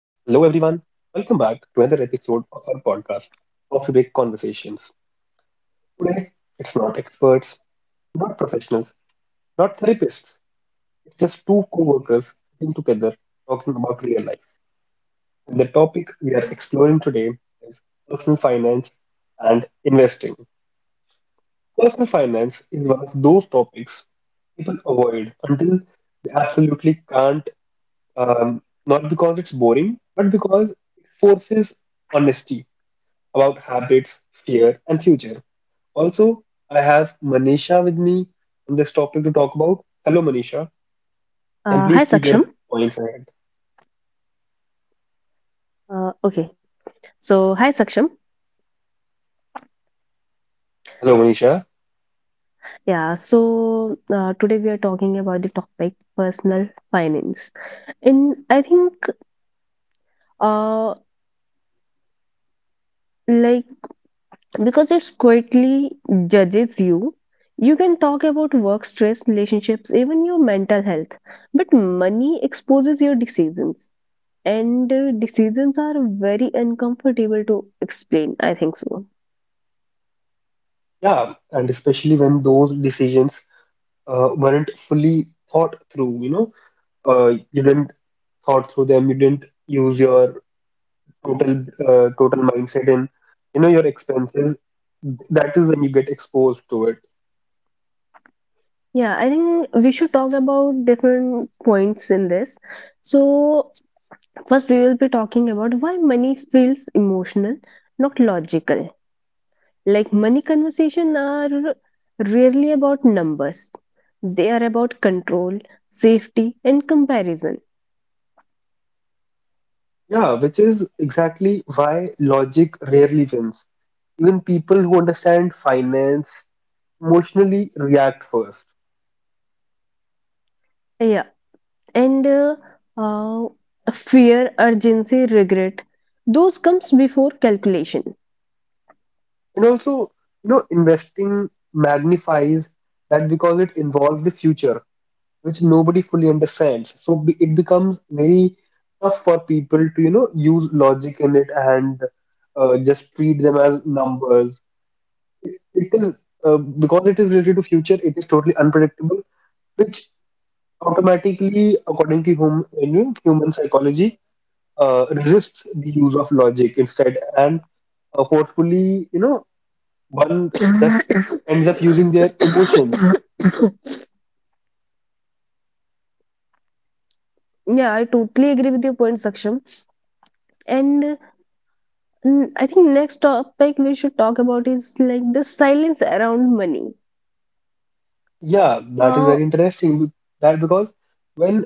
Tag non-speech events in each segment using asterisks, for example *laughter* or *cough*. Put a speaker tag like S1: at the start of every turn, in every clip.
S1: Welcome back to another episode of our podcast, Coffee Break Conversations. Today, it's not experts, not professionals, not therapists. It's just two co workers sitting together talking about real life. And the topic we are exploring today is personal finance and investing. Personal finance is one of those topics people avoid until they absolutely can't, not because it's boring, but because it forces honesty about habits, fear, and future. Also, I have Manisha with me on this topic to talk about. Hello, Manisha, and
S2: Uh,
S1: please
S2: hi
S1: keep your
S2: Saksham.
S1: points ahead.
S2: Uh, okay, so hi Saksham.
S1: Hello, Manisha.
S2: Yeah, so today we are talking about the topic personal finance, and I think uh, like because it's quietly judges you, you can talk about work stress, relationships, even your mental health, but money exposes your decisions, and decisions are very uncomfortable to explain. I think so.
S1: Yeah, and especially when those decisions weren't fully thought through, you know, you didn't thought through them, you didn't use your total total mindset and you know your expenses. That is when you get exposed to it.
S2: Yeah, I think we should talk about different points in this. So, first, we will be talking about why money feels emotional, not logical. Like, money conversation are rarely about numbers, they are about control, safety, and comparison.
S1: Yeah, which is exactly why logic rarely wins. Even people who understand finance emotionally react first.
S2: Yeah, and uh, fear, urgency, regret. Those comes before calculation.
S1: And also, you know, investing magnifies that because it involves the future, which nobody fully understands. So it becomes very tough for people to, you know, use logic in it and just treat them as numbers. It is because it is related to future, it is totally unpredictable, which automatically, in human psychology, resists the use of logic instead and forcefully, you know, one just ends up using their emotions.
S2: *coughs* Yeah, I totally agree with your point, Saksham. And I think next topic we should talk about is like the silence around money.
S1: Yeah, that is
S2: Uh,
S1: very interesting. That because when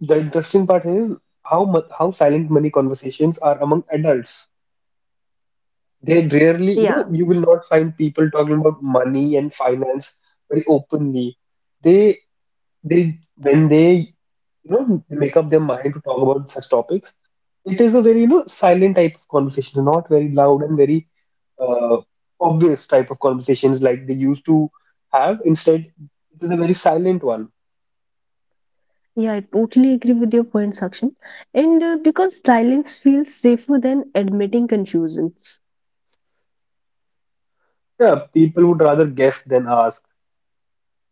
S1: the interesting part is how silent money conversations are among adults. They rarely, you know,
S2: yeah,
S1: you will not find people talking about money and finance very openly. They they when they, you know, make up their mind to talk about such topics. It is a very, you know, silent type of conversation, not very loud and very uh, obvious type of conversations like they used to have. Instead, it is a very silent one.
S2: yeah, I totally agree with your point, Saksham. And because silence feels safer than admitting confusions.
S1: Yeah, people would rather guess than ask.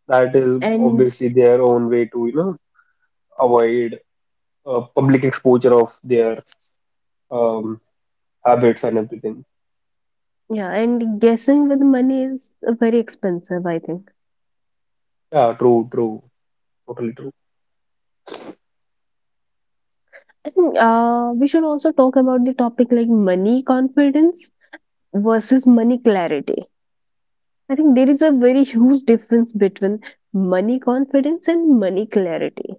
S1: That is
S2: And
S1: obviously their own way to, you know, avoid public exposure of their um, habits and everything.
S2: yeah, and guessing with money is very expensive, I think.
S1: Yeah, true, true, totally true.
S2: I think we should also talk about the topic like money confidence versus money clarity. I think there is a very huge difference between money confidence and money clarity.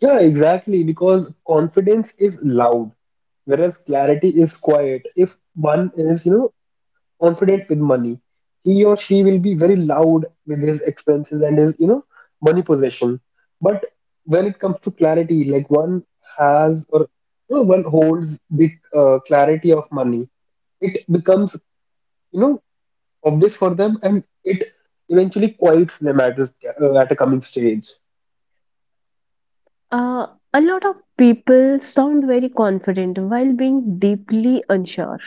S1: Yeah, exactly, because confidence is loud, whereas clarity is quiet. If one is, you know, confident with money, he or she will be very loud with his expenses and his, you know, money possession. But when it comes to clarity, like one has or, you know, one holds the clarity of money, it becomes, you know, obvious for them and it eventually quiets them at this, at a coming stage.
S2: Uh, a lot of people sound very confident while being deeply unsure.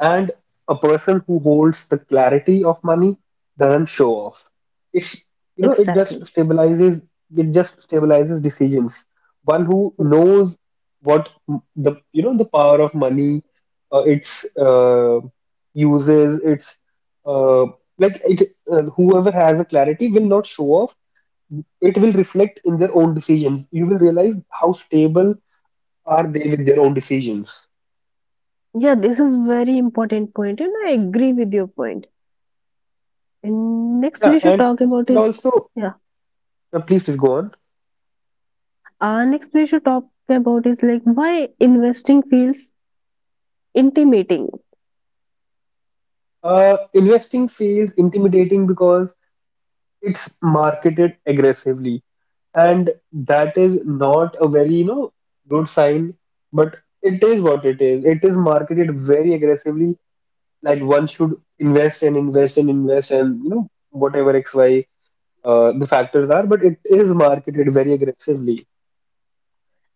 S1: And a person who holds the clarity of money doesn't show off. It's, you know, it just
S2: Exactly.
S1: stabilizes decisions. One who
S2: Mm.
S1: knows what m- the you know the power of money, its uses, its uh, like it whoever has a clarity will not show off. It will reflect in their own decisions. You will realize how stable are they with their own decisions.
S2: Yeah, this is very important point, and I agree with your point. And next we
S1: Yeah,
S2: should
S1: and
S2: talk about
S1: and
S2: is
S1: also,
S2: yeah.
S1: please go on.
S2: Our next major topic about is like why investing feels intimidating.
S1: Investing feels intimidating because it's marketed aggressively, and that is not a very, you know, good sign, but it is what it is. It is marketed very aggressively, like one should invest and invest and invest and, you know, whatever XY the factors are, but it is marketed very aggressively.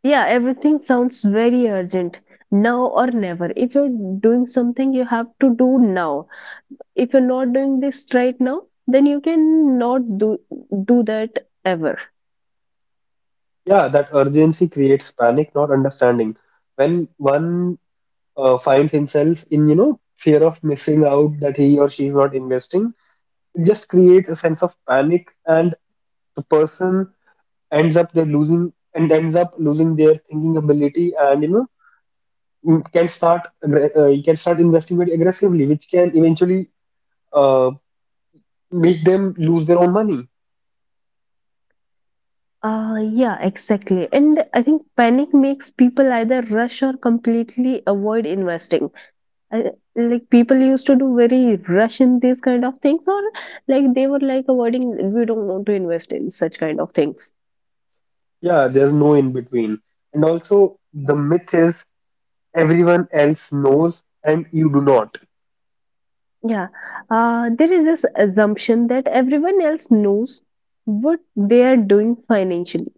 S2: Yeah, everything sounds very urgent. Now or never. If you're doing something, you have to do now. If you're not doing this right now, then you can not do that ever.
S1: Yeah, that urgency creates panic, not understanding. When one finds himself in, you know, fear of missing out that he or she is not investing, it just creates a sense of panic, and the person ends up losing their thinking ability, and you can start investing very aggressively, which can eventually uh, make them lose their own money.
S2: Yeah, exactly. And I think panic makes people either rush or completely avoid investing, uh, like people used to do very rush in these kind of things, or like they were like avoiding we don't want to invest in such kind of things.
S1: Yeah, there's no in between. And also, the myth is everyone else knows and you do not.
S2: Yeah, there is this assumption that everyone else knows what they are doing financially,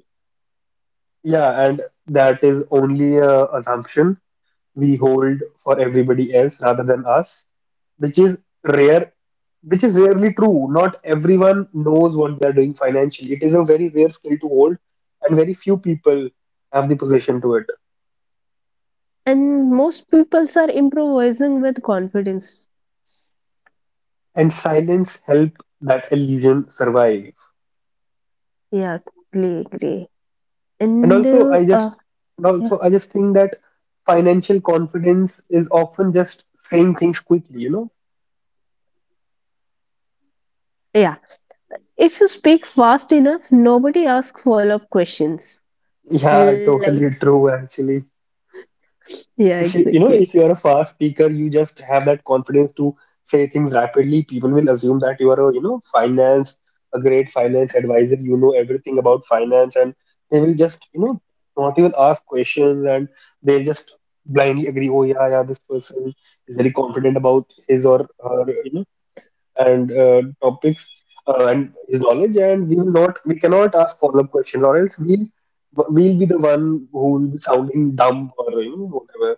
S1: Yeah, and that is only a assumption we hold for everybody else rather than us, which is rare which is rarely true. Not everyone knows what they're doing financially. It is a very rare skill to hold, and very few people have the possession to it.
S2: and most people are improvising with confidence.
S1: And silence help that illusion survive.
S2: Yeah, totally agree.
S1: And
S2: And
S1: also, I just and
S2: Yeah,
S1: also I just think that financial confidence is often just saying things quickly. You know?
S2: yeah, if you speak fast enough nobody asks follow-up questions,
S1: Yeah,
S2: like
S1: totally true. Actually.
S2: yeah,
S1: If you, you know,
S2: exactly.
S1: if you are a fast speaker, you just have that confidence to say things rapidly. People will assume that you are a, you know, finance, a great finance advisor. You know everything about finance, and they will just, you know, not even ask questions, and they'll just blindly agree. Oh yeah, yeah, this person is very confident about his or her, you know, and topics and his knowledge, and we will not, we cannot ask follow-up questions, or else we'll be the one who will be sounding dumb or, you know, whatever.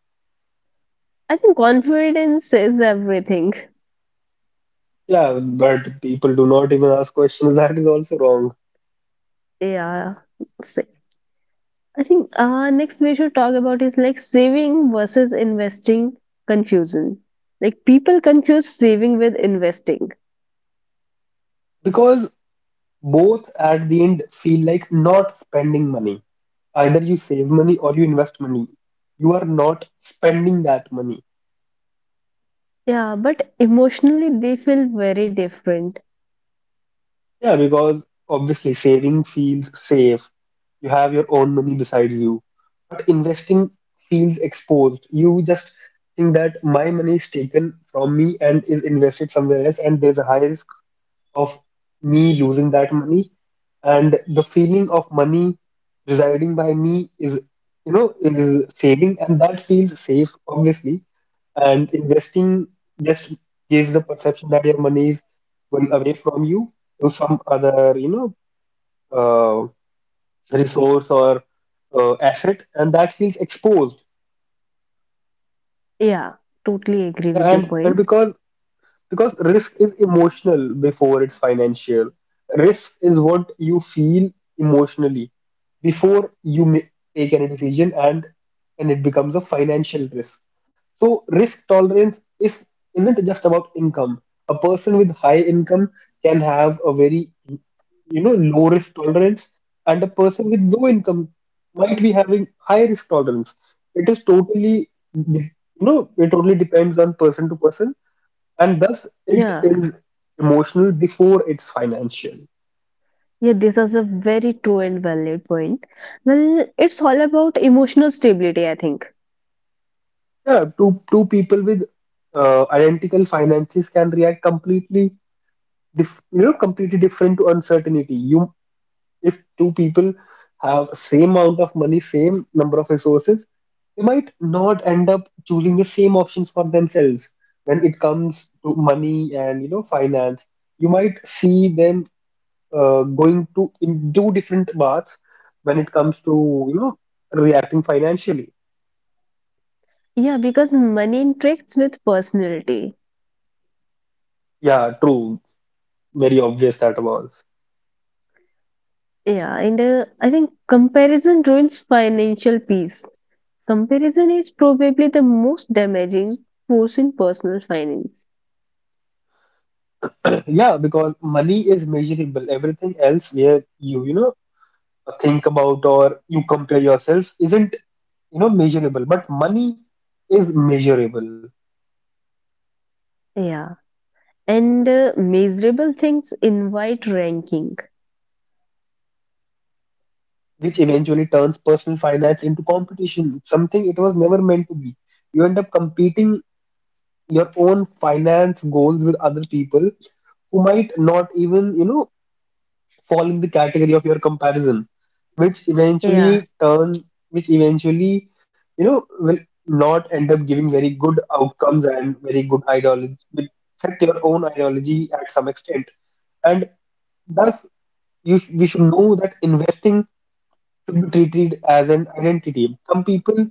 S2: I think confidence is everything.
S1: Yeah, but people do not even ask questions. *laughs* That is also wrong.
S2: Yeah. So, I think next we should talk about is like saving versus investing confusion. Like people confuse saving with investing.
S1: Because both at the end feel like not spending money. Either you save money or you invest money. You are not spending that money.
S2: Yeah, but emotionally they feel very different.
S1: Yeah, because obviously saving feels safe. You have your own money beside you. But investing feels exposed. You just think that my money is taken from me and is invested somewhere else, and there's a high risk of me losing that money, and the feeling of money residing by me is, you know, is saving, and that feels safe, obviously. And investing just gives the perception that your money is going away from you to some other, you know, uh, resource or asset, and that feels exposed.
S2: Yeah, totally agree with your
S1: And
S2: point.
S1: because risk is emotional before it's financial. Risk is what you feel emotionally before you take any decision, and it becomes a financial risk. So risk tolerance is isn't just about income. A person with high income can have a very, you know, low risk tolerance, and a person with low income might be having high risk tolerance. It is totally, you know, it totally depends on person to person. And thus it
S2: Yeah.
S1: is emotional before it's financial.
S2: Yeah, this is a very true and valid point. Well, it's all about emotional stability, I think.
S1: Yeah, two people with identical finances can react completely completely different to uncertainty. You, if two people have same amount of money, same number of resources, they might not end up choosing the same options for themselves when it comes to money and, you know, finance. You might see them going to in do different paths when it comes to, you know, reacting financially.
S2: Yeah, because money interacts with personality.
S1: Yeah, true. Very obvious that was.
S2: Yeah, and I think comparison ruins financial peace. Comparison is probably the most damaging force in personal finance.
S1: Yeah, because money is measurable. Everything else where you know, think about or you compare yourselves isn't, you know, measurable, but money is measurable,
S2: Yeah, and measurable things invite ranking.
S1: which eventually turns personal finance into competition, something it was never meant to be. You end up competing your own finance goals with other people who might not even, you know, fall in the category of your comparison, which
S2: Yeah,
S1: eventually turn, which eventually, you know, will not end up giving very good outcomes and very good ideology, will affect your own ideology at some extent. And thus, we should know that investing should be treated as an identity. Some people,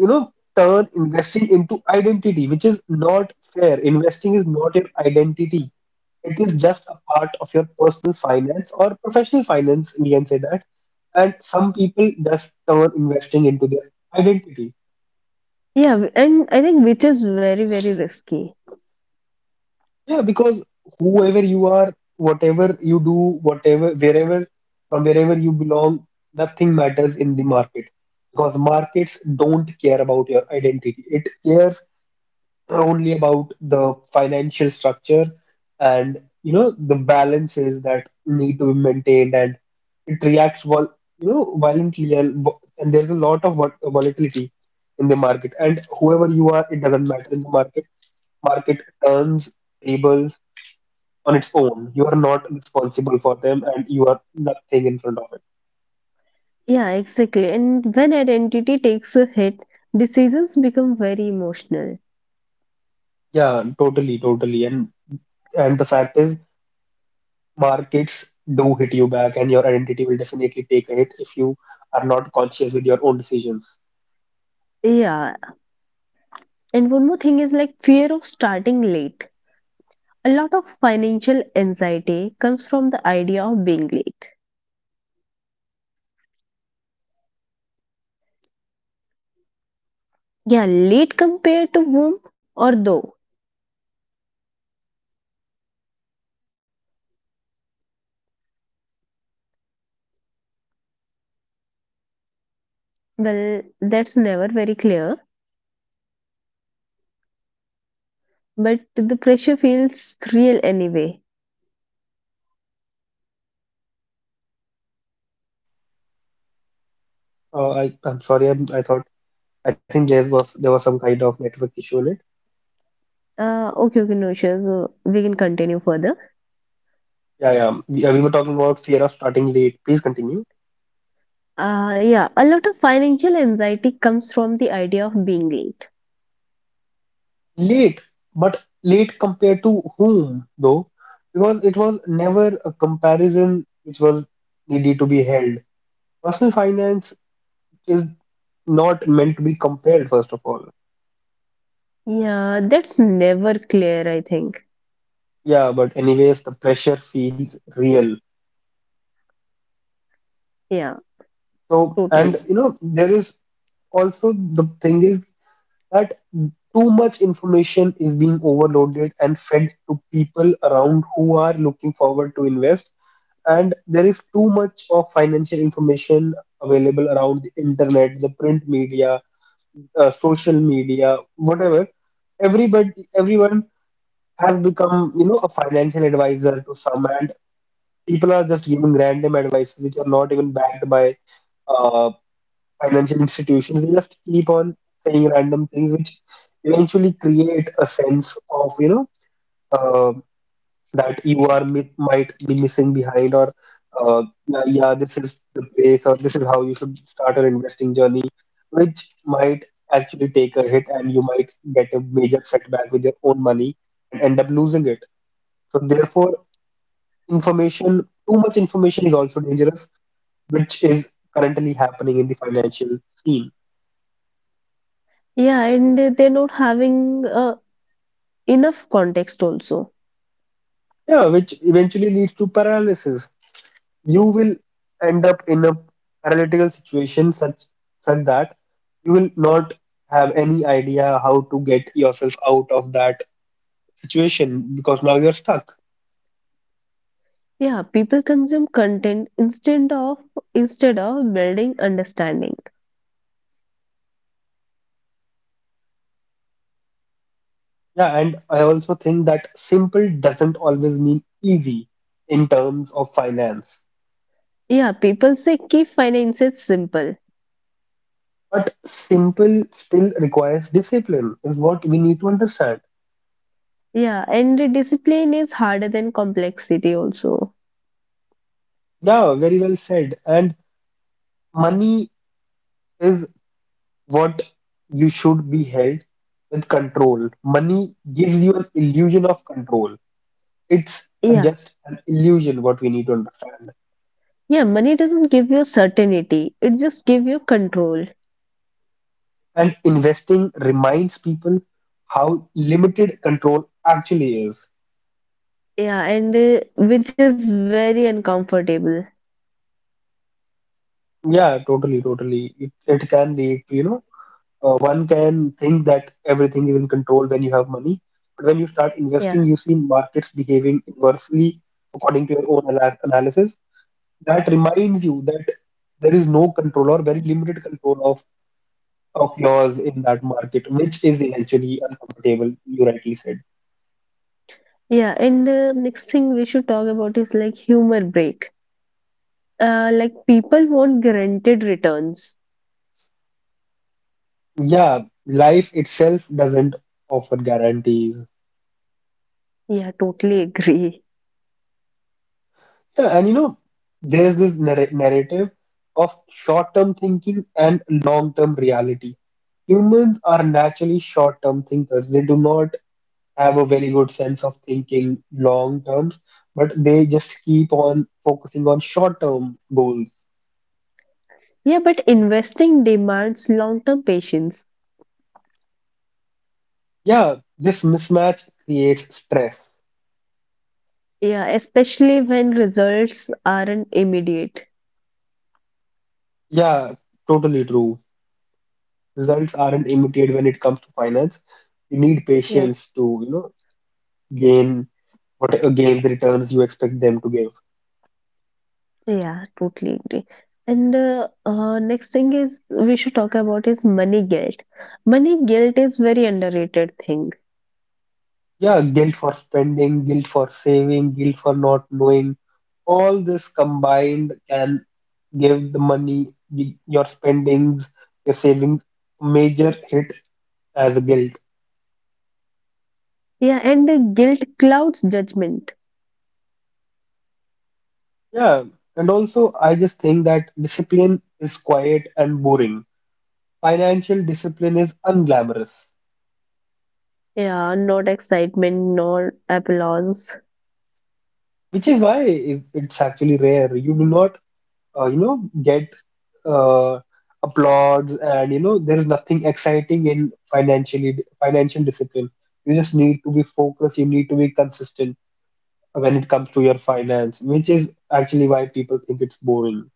S1: you know, turn investing into identity, which is not fair. Investing is not your identity. It is just a part of your personal finance or professional finance, we can say that. And some people just turn investing into their identity.
S2: yeah, and I think which is very, very risky.
S1: Yeah, because whoever you are, whatever you do, whatever, wherever, from wherever you belong, nothing matters in the market, because markets don't care about your identity. It cares only about the financial structure and, you know, the balances that need to be maintained, and it reacts vol you know violently, and there's a lot of volatility in the market, and whoever you are, it doesn't matter in the market. Market turns tables on its own. You are not responsible for them, and you are nothing in front of it.
S2: Yeah, exactly. And when identity takes a hit, decisions become very emotional.
S1: Yeah, totally, totally. And the fact is markets do hit you back, and your identity will definitely take a hit if you are not conscious with your own decisions.
S2: Yeah, and one more thing is like fear of starting late. A lot of financial anxiety comes from the idea of being late.
S1: And
S2: Yeah,
S1: also,
S2: late compared to
S1: I
S2: whom
S1: just
S2: or
S1: think there
S2: though?
S1: is a fair.
S2: Well, that's never very clear, but the pressure feels real anyway.
S1: I'm sorry. I thought I think there was some kind of network issue in it.
S2: Okay, okay, no issues. We can continue further.
S1: Yeah, yeah. We were talking about fear of starting late. Please continue.
S2: Yeah, a lot of financial anxiety comes from the idea of being late.
S1: Late, but late compared to whom though? Because it was never a comparison which was needed to be held. Personal finance is not meant to be compared, first of all.
S2: Yeah, that's never clear, I think.
S1: Yeah, but anyways, the pressure feels real.
S2: Yeah,
S1: So, and
S2: totally.
S1: you know, there is also the thing is that too much information is being overloaded and fed to people around who are looking forward to invest. And there is too much of financial information available around the internet, the print media, social media, whatever. Everybody, everyone has become, a financial advisor to some, and people are just giving random advice which are not even backed by uh, financial institutions. They just keep on saying random things, which eventually create a sense of, uh, that you are mi might be missing behind, or yeah, yeah, this is the place, or this is how you should start an investing journey, which might actually take a hit, and you might get a major setback with your own money and end up losing it. So therefore, information, too much information is also dangerous, which is currently happening in the financial scene.
S2: Yeah, and they're not having enough context also.
S1: Yeah, which eventually leads to paralysis. You will end up in a paralytical situation such that you will not have any idea how to get yourself out of that situation because now you're stuck.
S2: Yeah, people consume content instead of building understanding.
S1: Yeah, and I also think that simple doesn't always mean easy in terms of finance.
S2: Yeah, people say keep finances simple.
S1: But simple still requires discipline, is what we need to understand.
S2: Yeah, and discipline is harder than complexity also.
S1: Yeah, very well said. And money is what you should be held with control. Money gives you an illusion of control. It's
S2: Yeah,
S1: just an illusion, what we need to understand.
S2: yeah, money doesn't give you certainty. It just give you control.
S1: And investing reminds people how limited control actually is.
S2: Yeah, and which is very uncomfortable.
S1: Yeah, totally, totally. It can lead to, one can think that everything is in control when you have money. But when you start
S2: Yeah,
S1: investing, you see markets behaving inversely according to your own analysis that reminds you that there is no control or very limited control of yours in that market, which is eventually uncomfortable, you rightly said.
S2: yeah, and next thing we should talk about is like humor break. Like people want guaranteed returns.
S1: Yeah, life itself doesn't offer guarantees.
S2: Yeah, totally agree.
S1: Yeah, and you know, there's this narrative of short-term thinking and long-term reality. Humans are naturally short-term thinkers. They do not have a very good sense of thinking long terms, but they just keep on focusing on short-term goals.
S2: Yeah, but investing demands long-term patience.
S1: Yeah, this mismatch creates stress.
S2: Yeah, especially when results aren't immediate.
S1: Yeah, totally true. Results aren't immediate when it comes to finance. You need
S2: Yeah,
S1: patience to, gain what gain the returns you expect them to give.
S2: yeah, totally agree. And Next thing is we should talk about is money guilt. Money guilt is very underrated thing.
S1: Yeah, guilt for spending, guilt for saving, guilt for not knowing. All this combined can give the money, your spendings, your savings, a major hit as a guilt.
S2: Yeah, and guilt clouds judgment.
S1: Yeah, and also I just think that discipline is quiet and boring, financial discipline is unglamorous,
S2: Yeah, not excitement, nor applause.
S1: which is why it's actually rare. You do not, get uh, applauds, and you know, there is nothing exciting in financial discipline. You just need to be focused. You need to be consistent when it comes to your finance, which is actually why people think it's boring.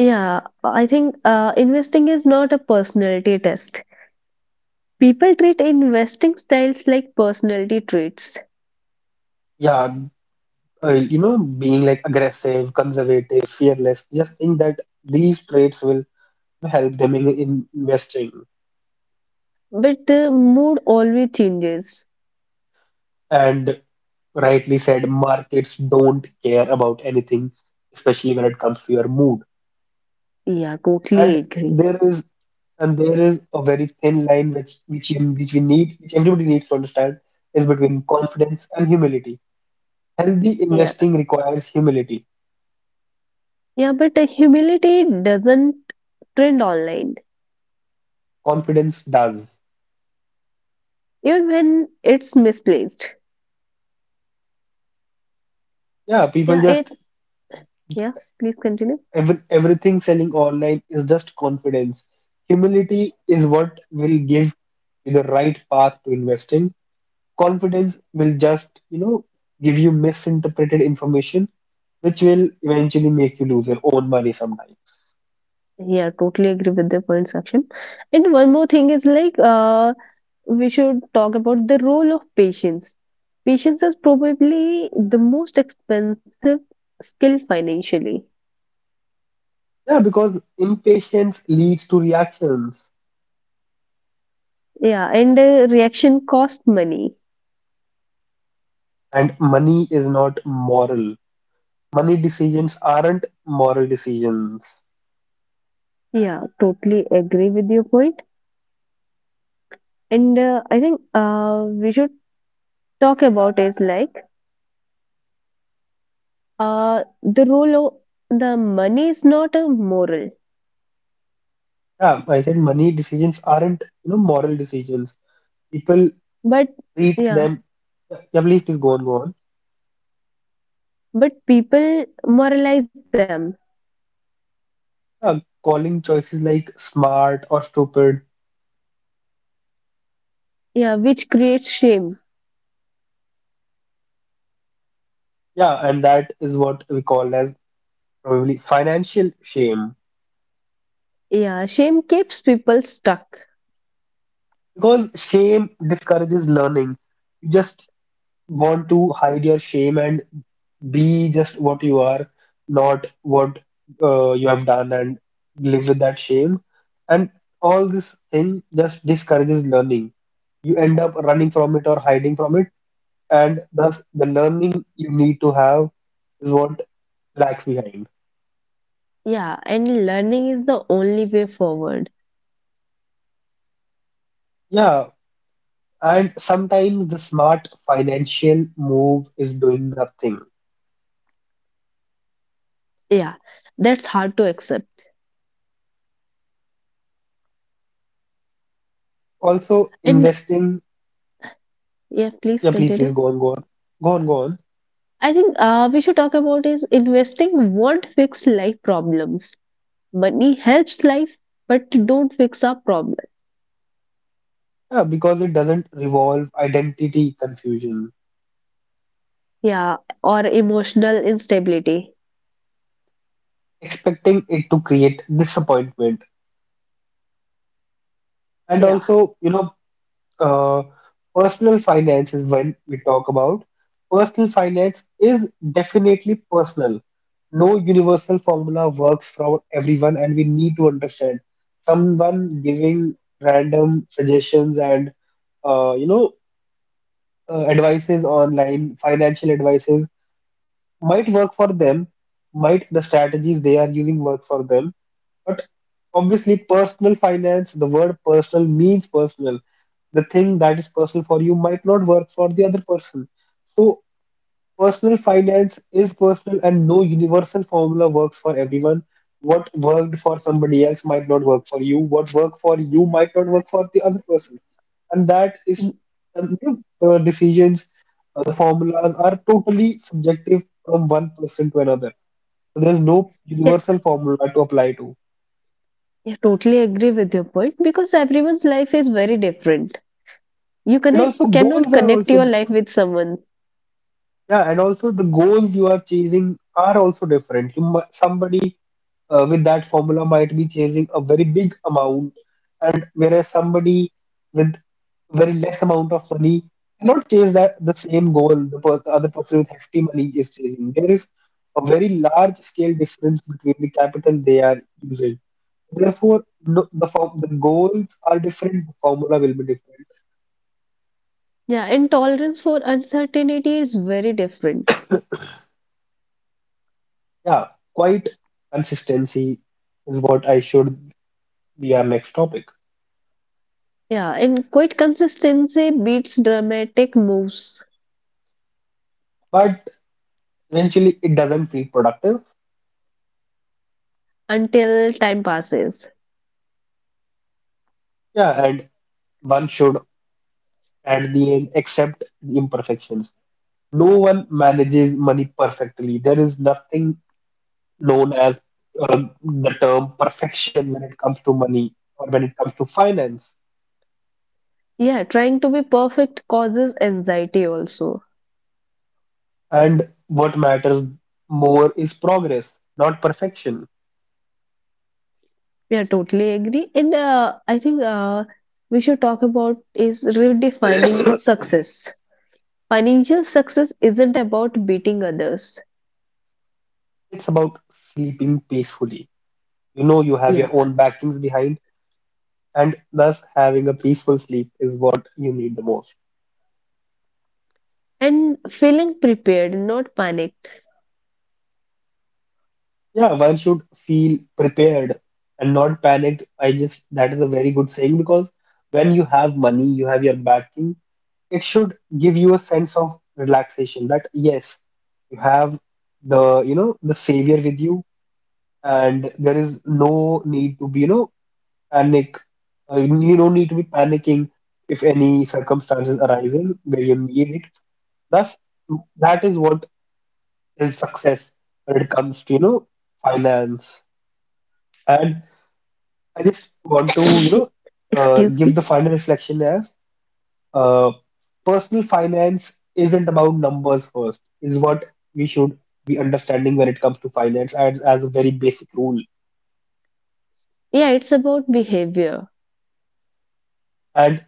S2: Yeah, I think investing is not a personality test. People treat investing styles like personality traits.
S1: Yeah, you know, being like aggressive, conservative, fearless. Just think that these traits will help them in investing.
S2: But mood always changes.
S1: And rightly said, markets don't care about anything, especially when it comes to your mood.
S2: Yeah, totally
S1: And
S2: agree.
S1: there is and there is a very thin line which you, which we need, which everybody needs to understand, is between confidence and humility. Healthy
S2: Yeah.
S1: investing requires humility.
S2: Yeah, but humility doesn't trend online,
S1: Confidence does.
S2: even when it's misplaced.
S1: Yeah, people
S2: Yeah, it.
S1: just
S2: Yeah, please continue.
S1: every, everything selling online is just confidence. Humility is what will give you the right path to investing, confidence will just, you know, give you misinterpreted information, which will eventually make you lose your own money sometime.
S2: Yeah, totally agree with the point section. And one more thing is like, we should talk about the role of patience. Patience is probably the most expensive skill financially.
S1: Yeah, because impatience leads to reactions,
S2: Yeah, and reaction cost money.
S1: and money is not moral. Money decisions aren't moral decisions.
S2: Yeah, totally agree with your point. And I think we should talk about is like the role of the money is not a moral,
S1: Yeah, I said money decisions aren't, you know, moral decisions. People
S2: but
S1: treat
S2: yeah,
S1: them. Yeah, please, please go on, go on.
S2: but people moralize them.
S1: Yeah, calling choices like smart or stupid.
S2: Yeah, which creates shame.
S1: Yeah, and that is what we call as probably financial shame
S2: Yeah, shame keeps people stuck.
S1: because shame discourages learning. You just want to hide your shame and be just what you are, not what you have done, and live with that shame, and all this thing just discourages learning. You end up running from it or hiding from it, and thus the learning you need to have is what lags behind.
S2: Yeah, and learning is the only way forward.
S1: Yeah, and sometimes the smart financial move is doing nothing.
S2: Yeah, that's hard to accept.
S1: Also
S2: And
S1: investing,
S2: yeah, please
S1: yeah, please
S2: continue.
S1: please go on go on, go on go on.
S2: I think we should talk about is investing won't fix life problems. Money helps life, but don't fix our problem.
S1: Yeah, because it doesn't revolve identity confusion,
S2: Yeah, or emotional instability.
S1: expecting it to create disappointment. And
S2: Yeah.
S1: also you know, uh, personal finance, is when we talk about personal finance, is definitely personal. No universal formula works for everyone, and we need to understand someone giving random suggestions and you know, advices, online financial advices might work for them, might the strategies they are using work for them, but obviously, personal finance, the word personal means personal. The thing that is personal for you might not work for the other person. So, personal finance is personal, and no universal formula works for everyone. What worked for somebody else might not work for you. What worked for you might not work for the other person, and that is
S2: Y-
S1: you know, the decisions, the formulas are totally subjective from one person to another. So there's no
S2: Yeah,
S1: universal formula to apply to.
S2: I totally agree with your point because everyone's life is very different. You
S1: And
S2: can,
S1: also goals
S2: cannot
S1: are
S2: connect
S1: also
S2: your life with someone.
S1: yeah, and also the goals you are chasing are also different. You mu Somebody with that formula might be chasing a very big amount, and whereas somebody with very less amount of money cannot chase that the same goal the other person with hefty money is chasing. There is a very large scale difference between the capital they are using. Therefore, no, the form, the goals are different. The formula will be different.
S2: Yeah, and tolerance for uncertainty is very different.
S1: Yeah, quite consistency is what I should be our next topic.
S2: Yeah, and quite consistency beats dramatic moves
S1: But eventually, it doesn't feel productive.
S2: until time passes.
S1: Yeah, and one should at the end except the imperfections. No one manages money perfectly. There is nothing known as the term perfection when it comes to money or when it comes to finance.
S2: Yeah, trying to be perfect causes anxiety also.
S1: And what matters more is progress, not perfection.
S2: Yeah, totally agree. And I think we should talk about is
S1: *coughs*
S2: redefining
S1: It's
S2: success. Financial success isn't about beating others.
S1: about sleeping peacefully. You know, you have
S2: Yeah.
S1: your own backings behind, and thus having a peaceful sleep is what you need the most.
S2: And feeling prepared, not panicked.
S1: Yeah, one should feel prepared and not panicked. I just, that is a very good saying because when you have money, you have your backing, it should give you a sense of relaxation that yes, you have the, you know, the savior with you, and there is no need to be, you know, panic. You don't need to be panicking if any circumstances arises where you need it. Thus, that is what is success when it comes to, you know, finance. And I just want to, you know,
S2: *coughs* Excuse
S1: give the
S2: me.
S1: final reflection as uh, personal finance isn't about numbers first, is what we should be understanding when it comes to finance as a very basic rule.
S2: Yeah, it's about behavior.
S1: And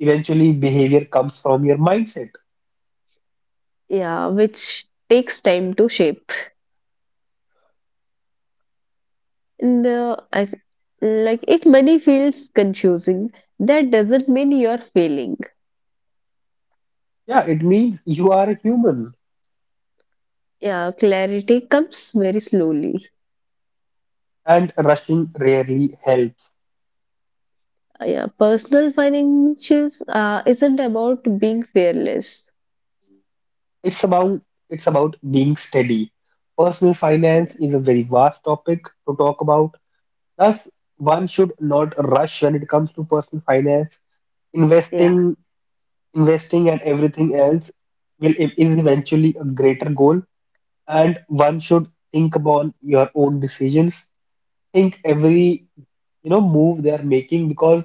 S1: eventually, behavior comes from your mindset.
S2: Yeah, which takes time to shape. And uh, I th- like if money feels confusing, that doesn't mean you're failing.
S1: Yeah, it means you are a human,
S2: Yeah, clarity comes very slowly.
S1: and rushing rarely helps.
S2: Yeah, personal finances isn't about being fearless.
S1: It's about being steady. Personal finance
S2: Yeah.
S1: is a very vast topic to talk about. Thus, one should not rush when it comes to personal finance.
S2: Yeah.
S1: Investing, investing and everything else will is eventually a greater goal, and one should think upon your own decisions. Think every, you know, move they are making because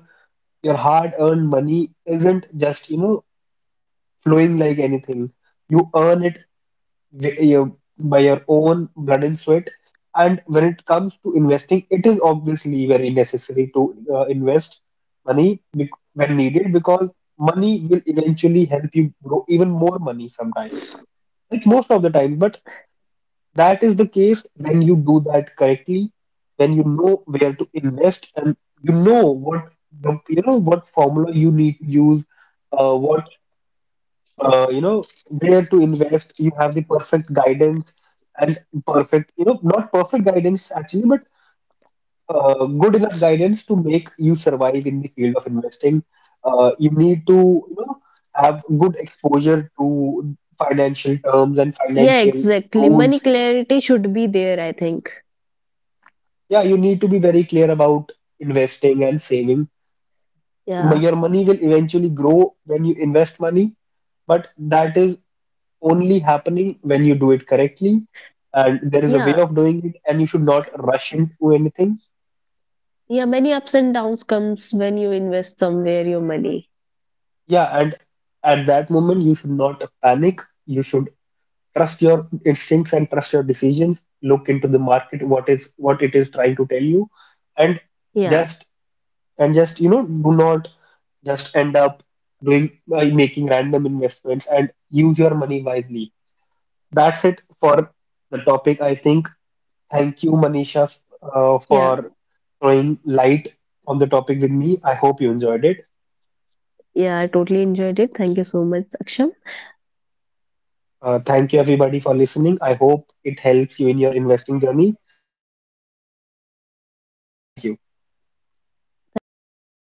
S1: your hard-earned money isn't just, you know, flowing like anything. You earn it by your own blood and sweat. And when it comes to investing, it is obviously very necessary to invest money when needed, because money will eventually help you grow even more money sometimes, like most of the time. But that is the case when you do that correctly, when you know where to invest, and you know what you know what formula you need to use, what you know, where to invest, you have the perfect guidance, and perfect, you know, not perfect guidance actually, but good enough guidance to make you survive in the field of investing. You need to, you know, have good exposure to financial terms and
S2: Yeah,
S1: financial
S2: exactly, money
S1: rules.
S2: clarity should be there, I think.
S1: Yeah, you need to be very clear about investing and saving.
S2: Yeah,
S1: Your money will eventually grow when you invest money, but that is only happening when you do it correctly, and there is a way
S2: yeah,
S1: of doing it, and you should not rush into anything.
S2: yeah, many ups and downs comes when you invest somewhere your money.
S1: Yeah, and at that moment you should not panic, you should trust your instincts and trust your decisions, look into the market, what is what it is trying to tell you. And
S2: Yeah,
S1: just, and just, you know, do not just end up doing making random investments, and use your money wisely. That's it for the topic, I think. Thank you, Manisha, for
S2: yeah,
S1: throwing light on the topic with me. I hope you enjoyed it.
S2: yeah, I totally enjoyed it, thank you so much Saksham.
S1: Thank you, everybody, for listening. I hope it helps you in your investing journey. See you next time. Signing off. Thank you.
S2: Thank you.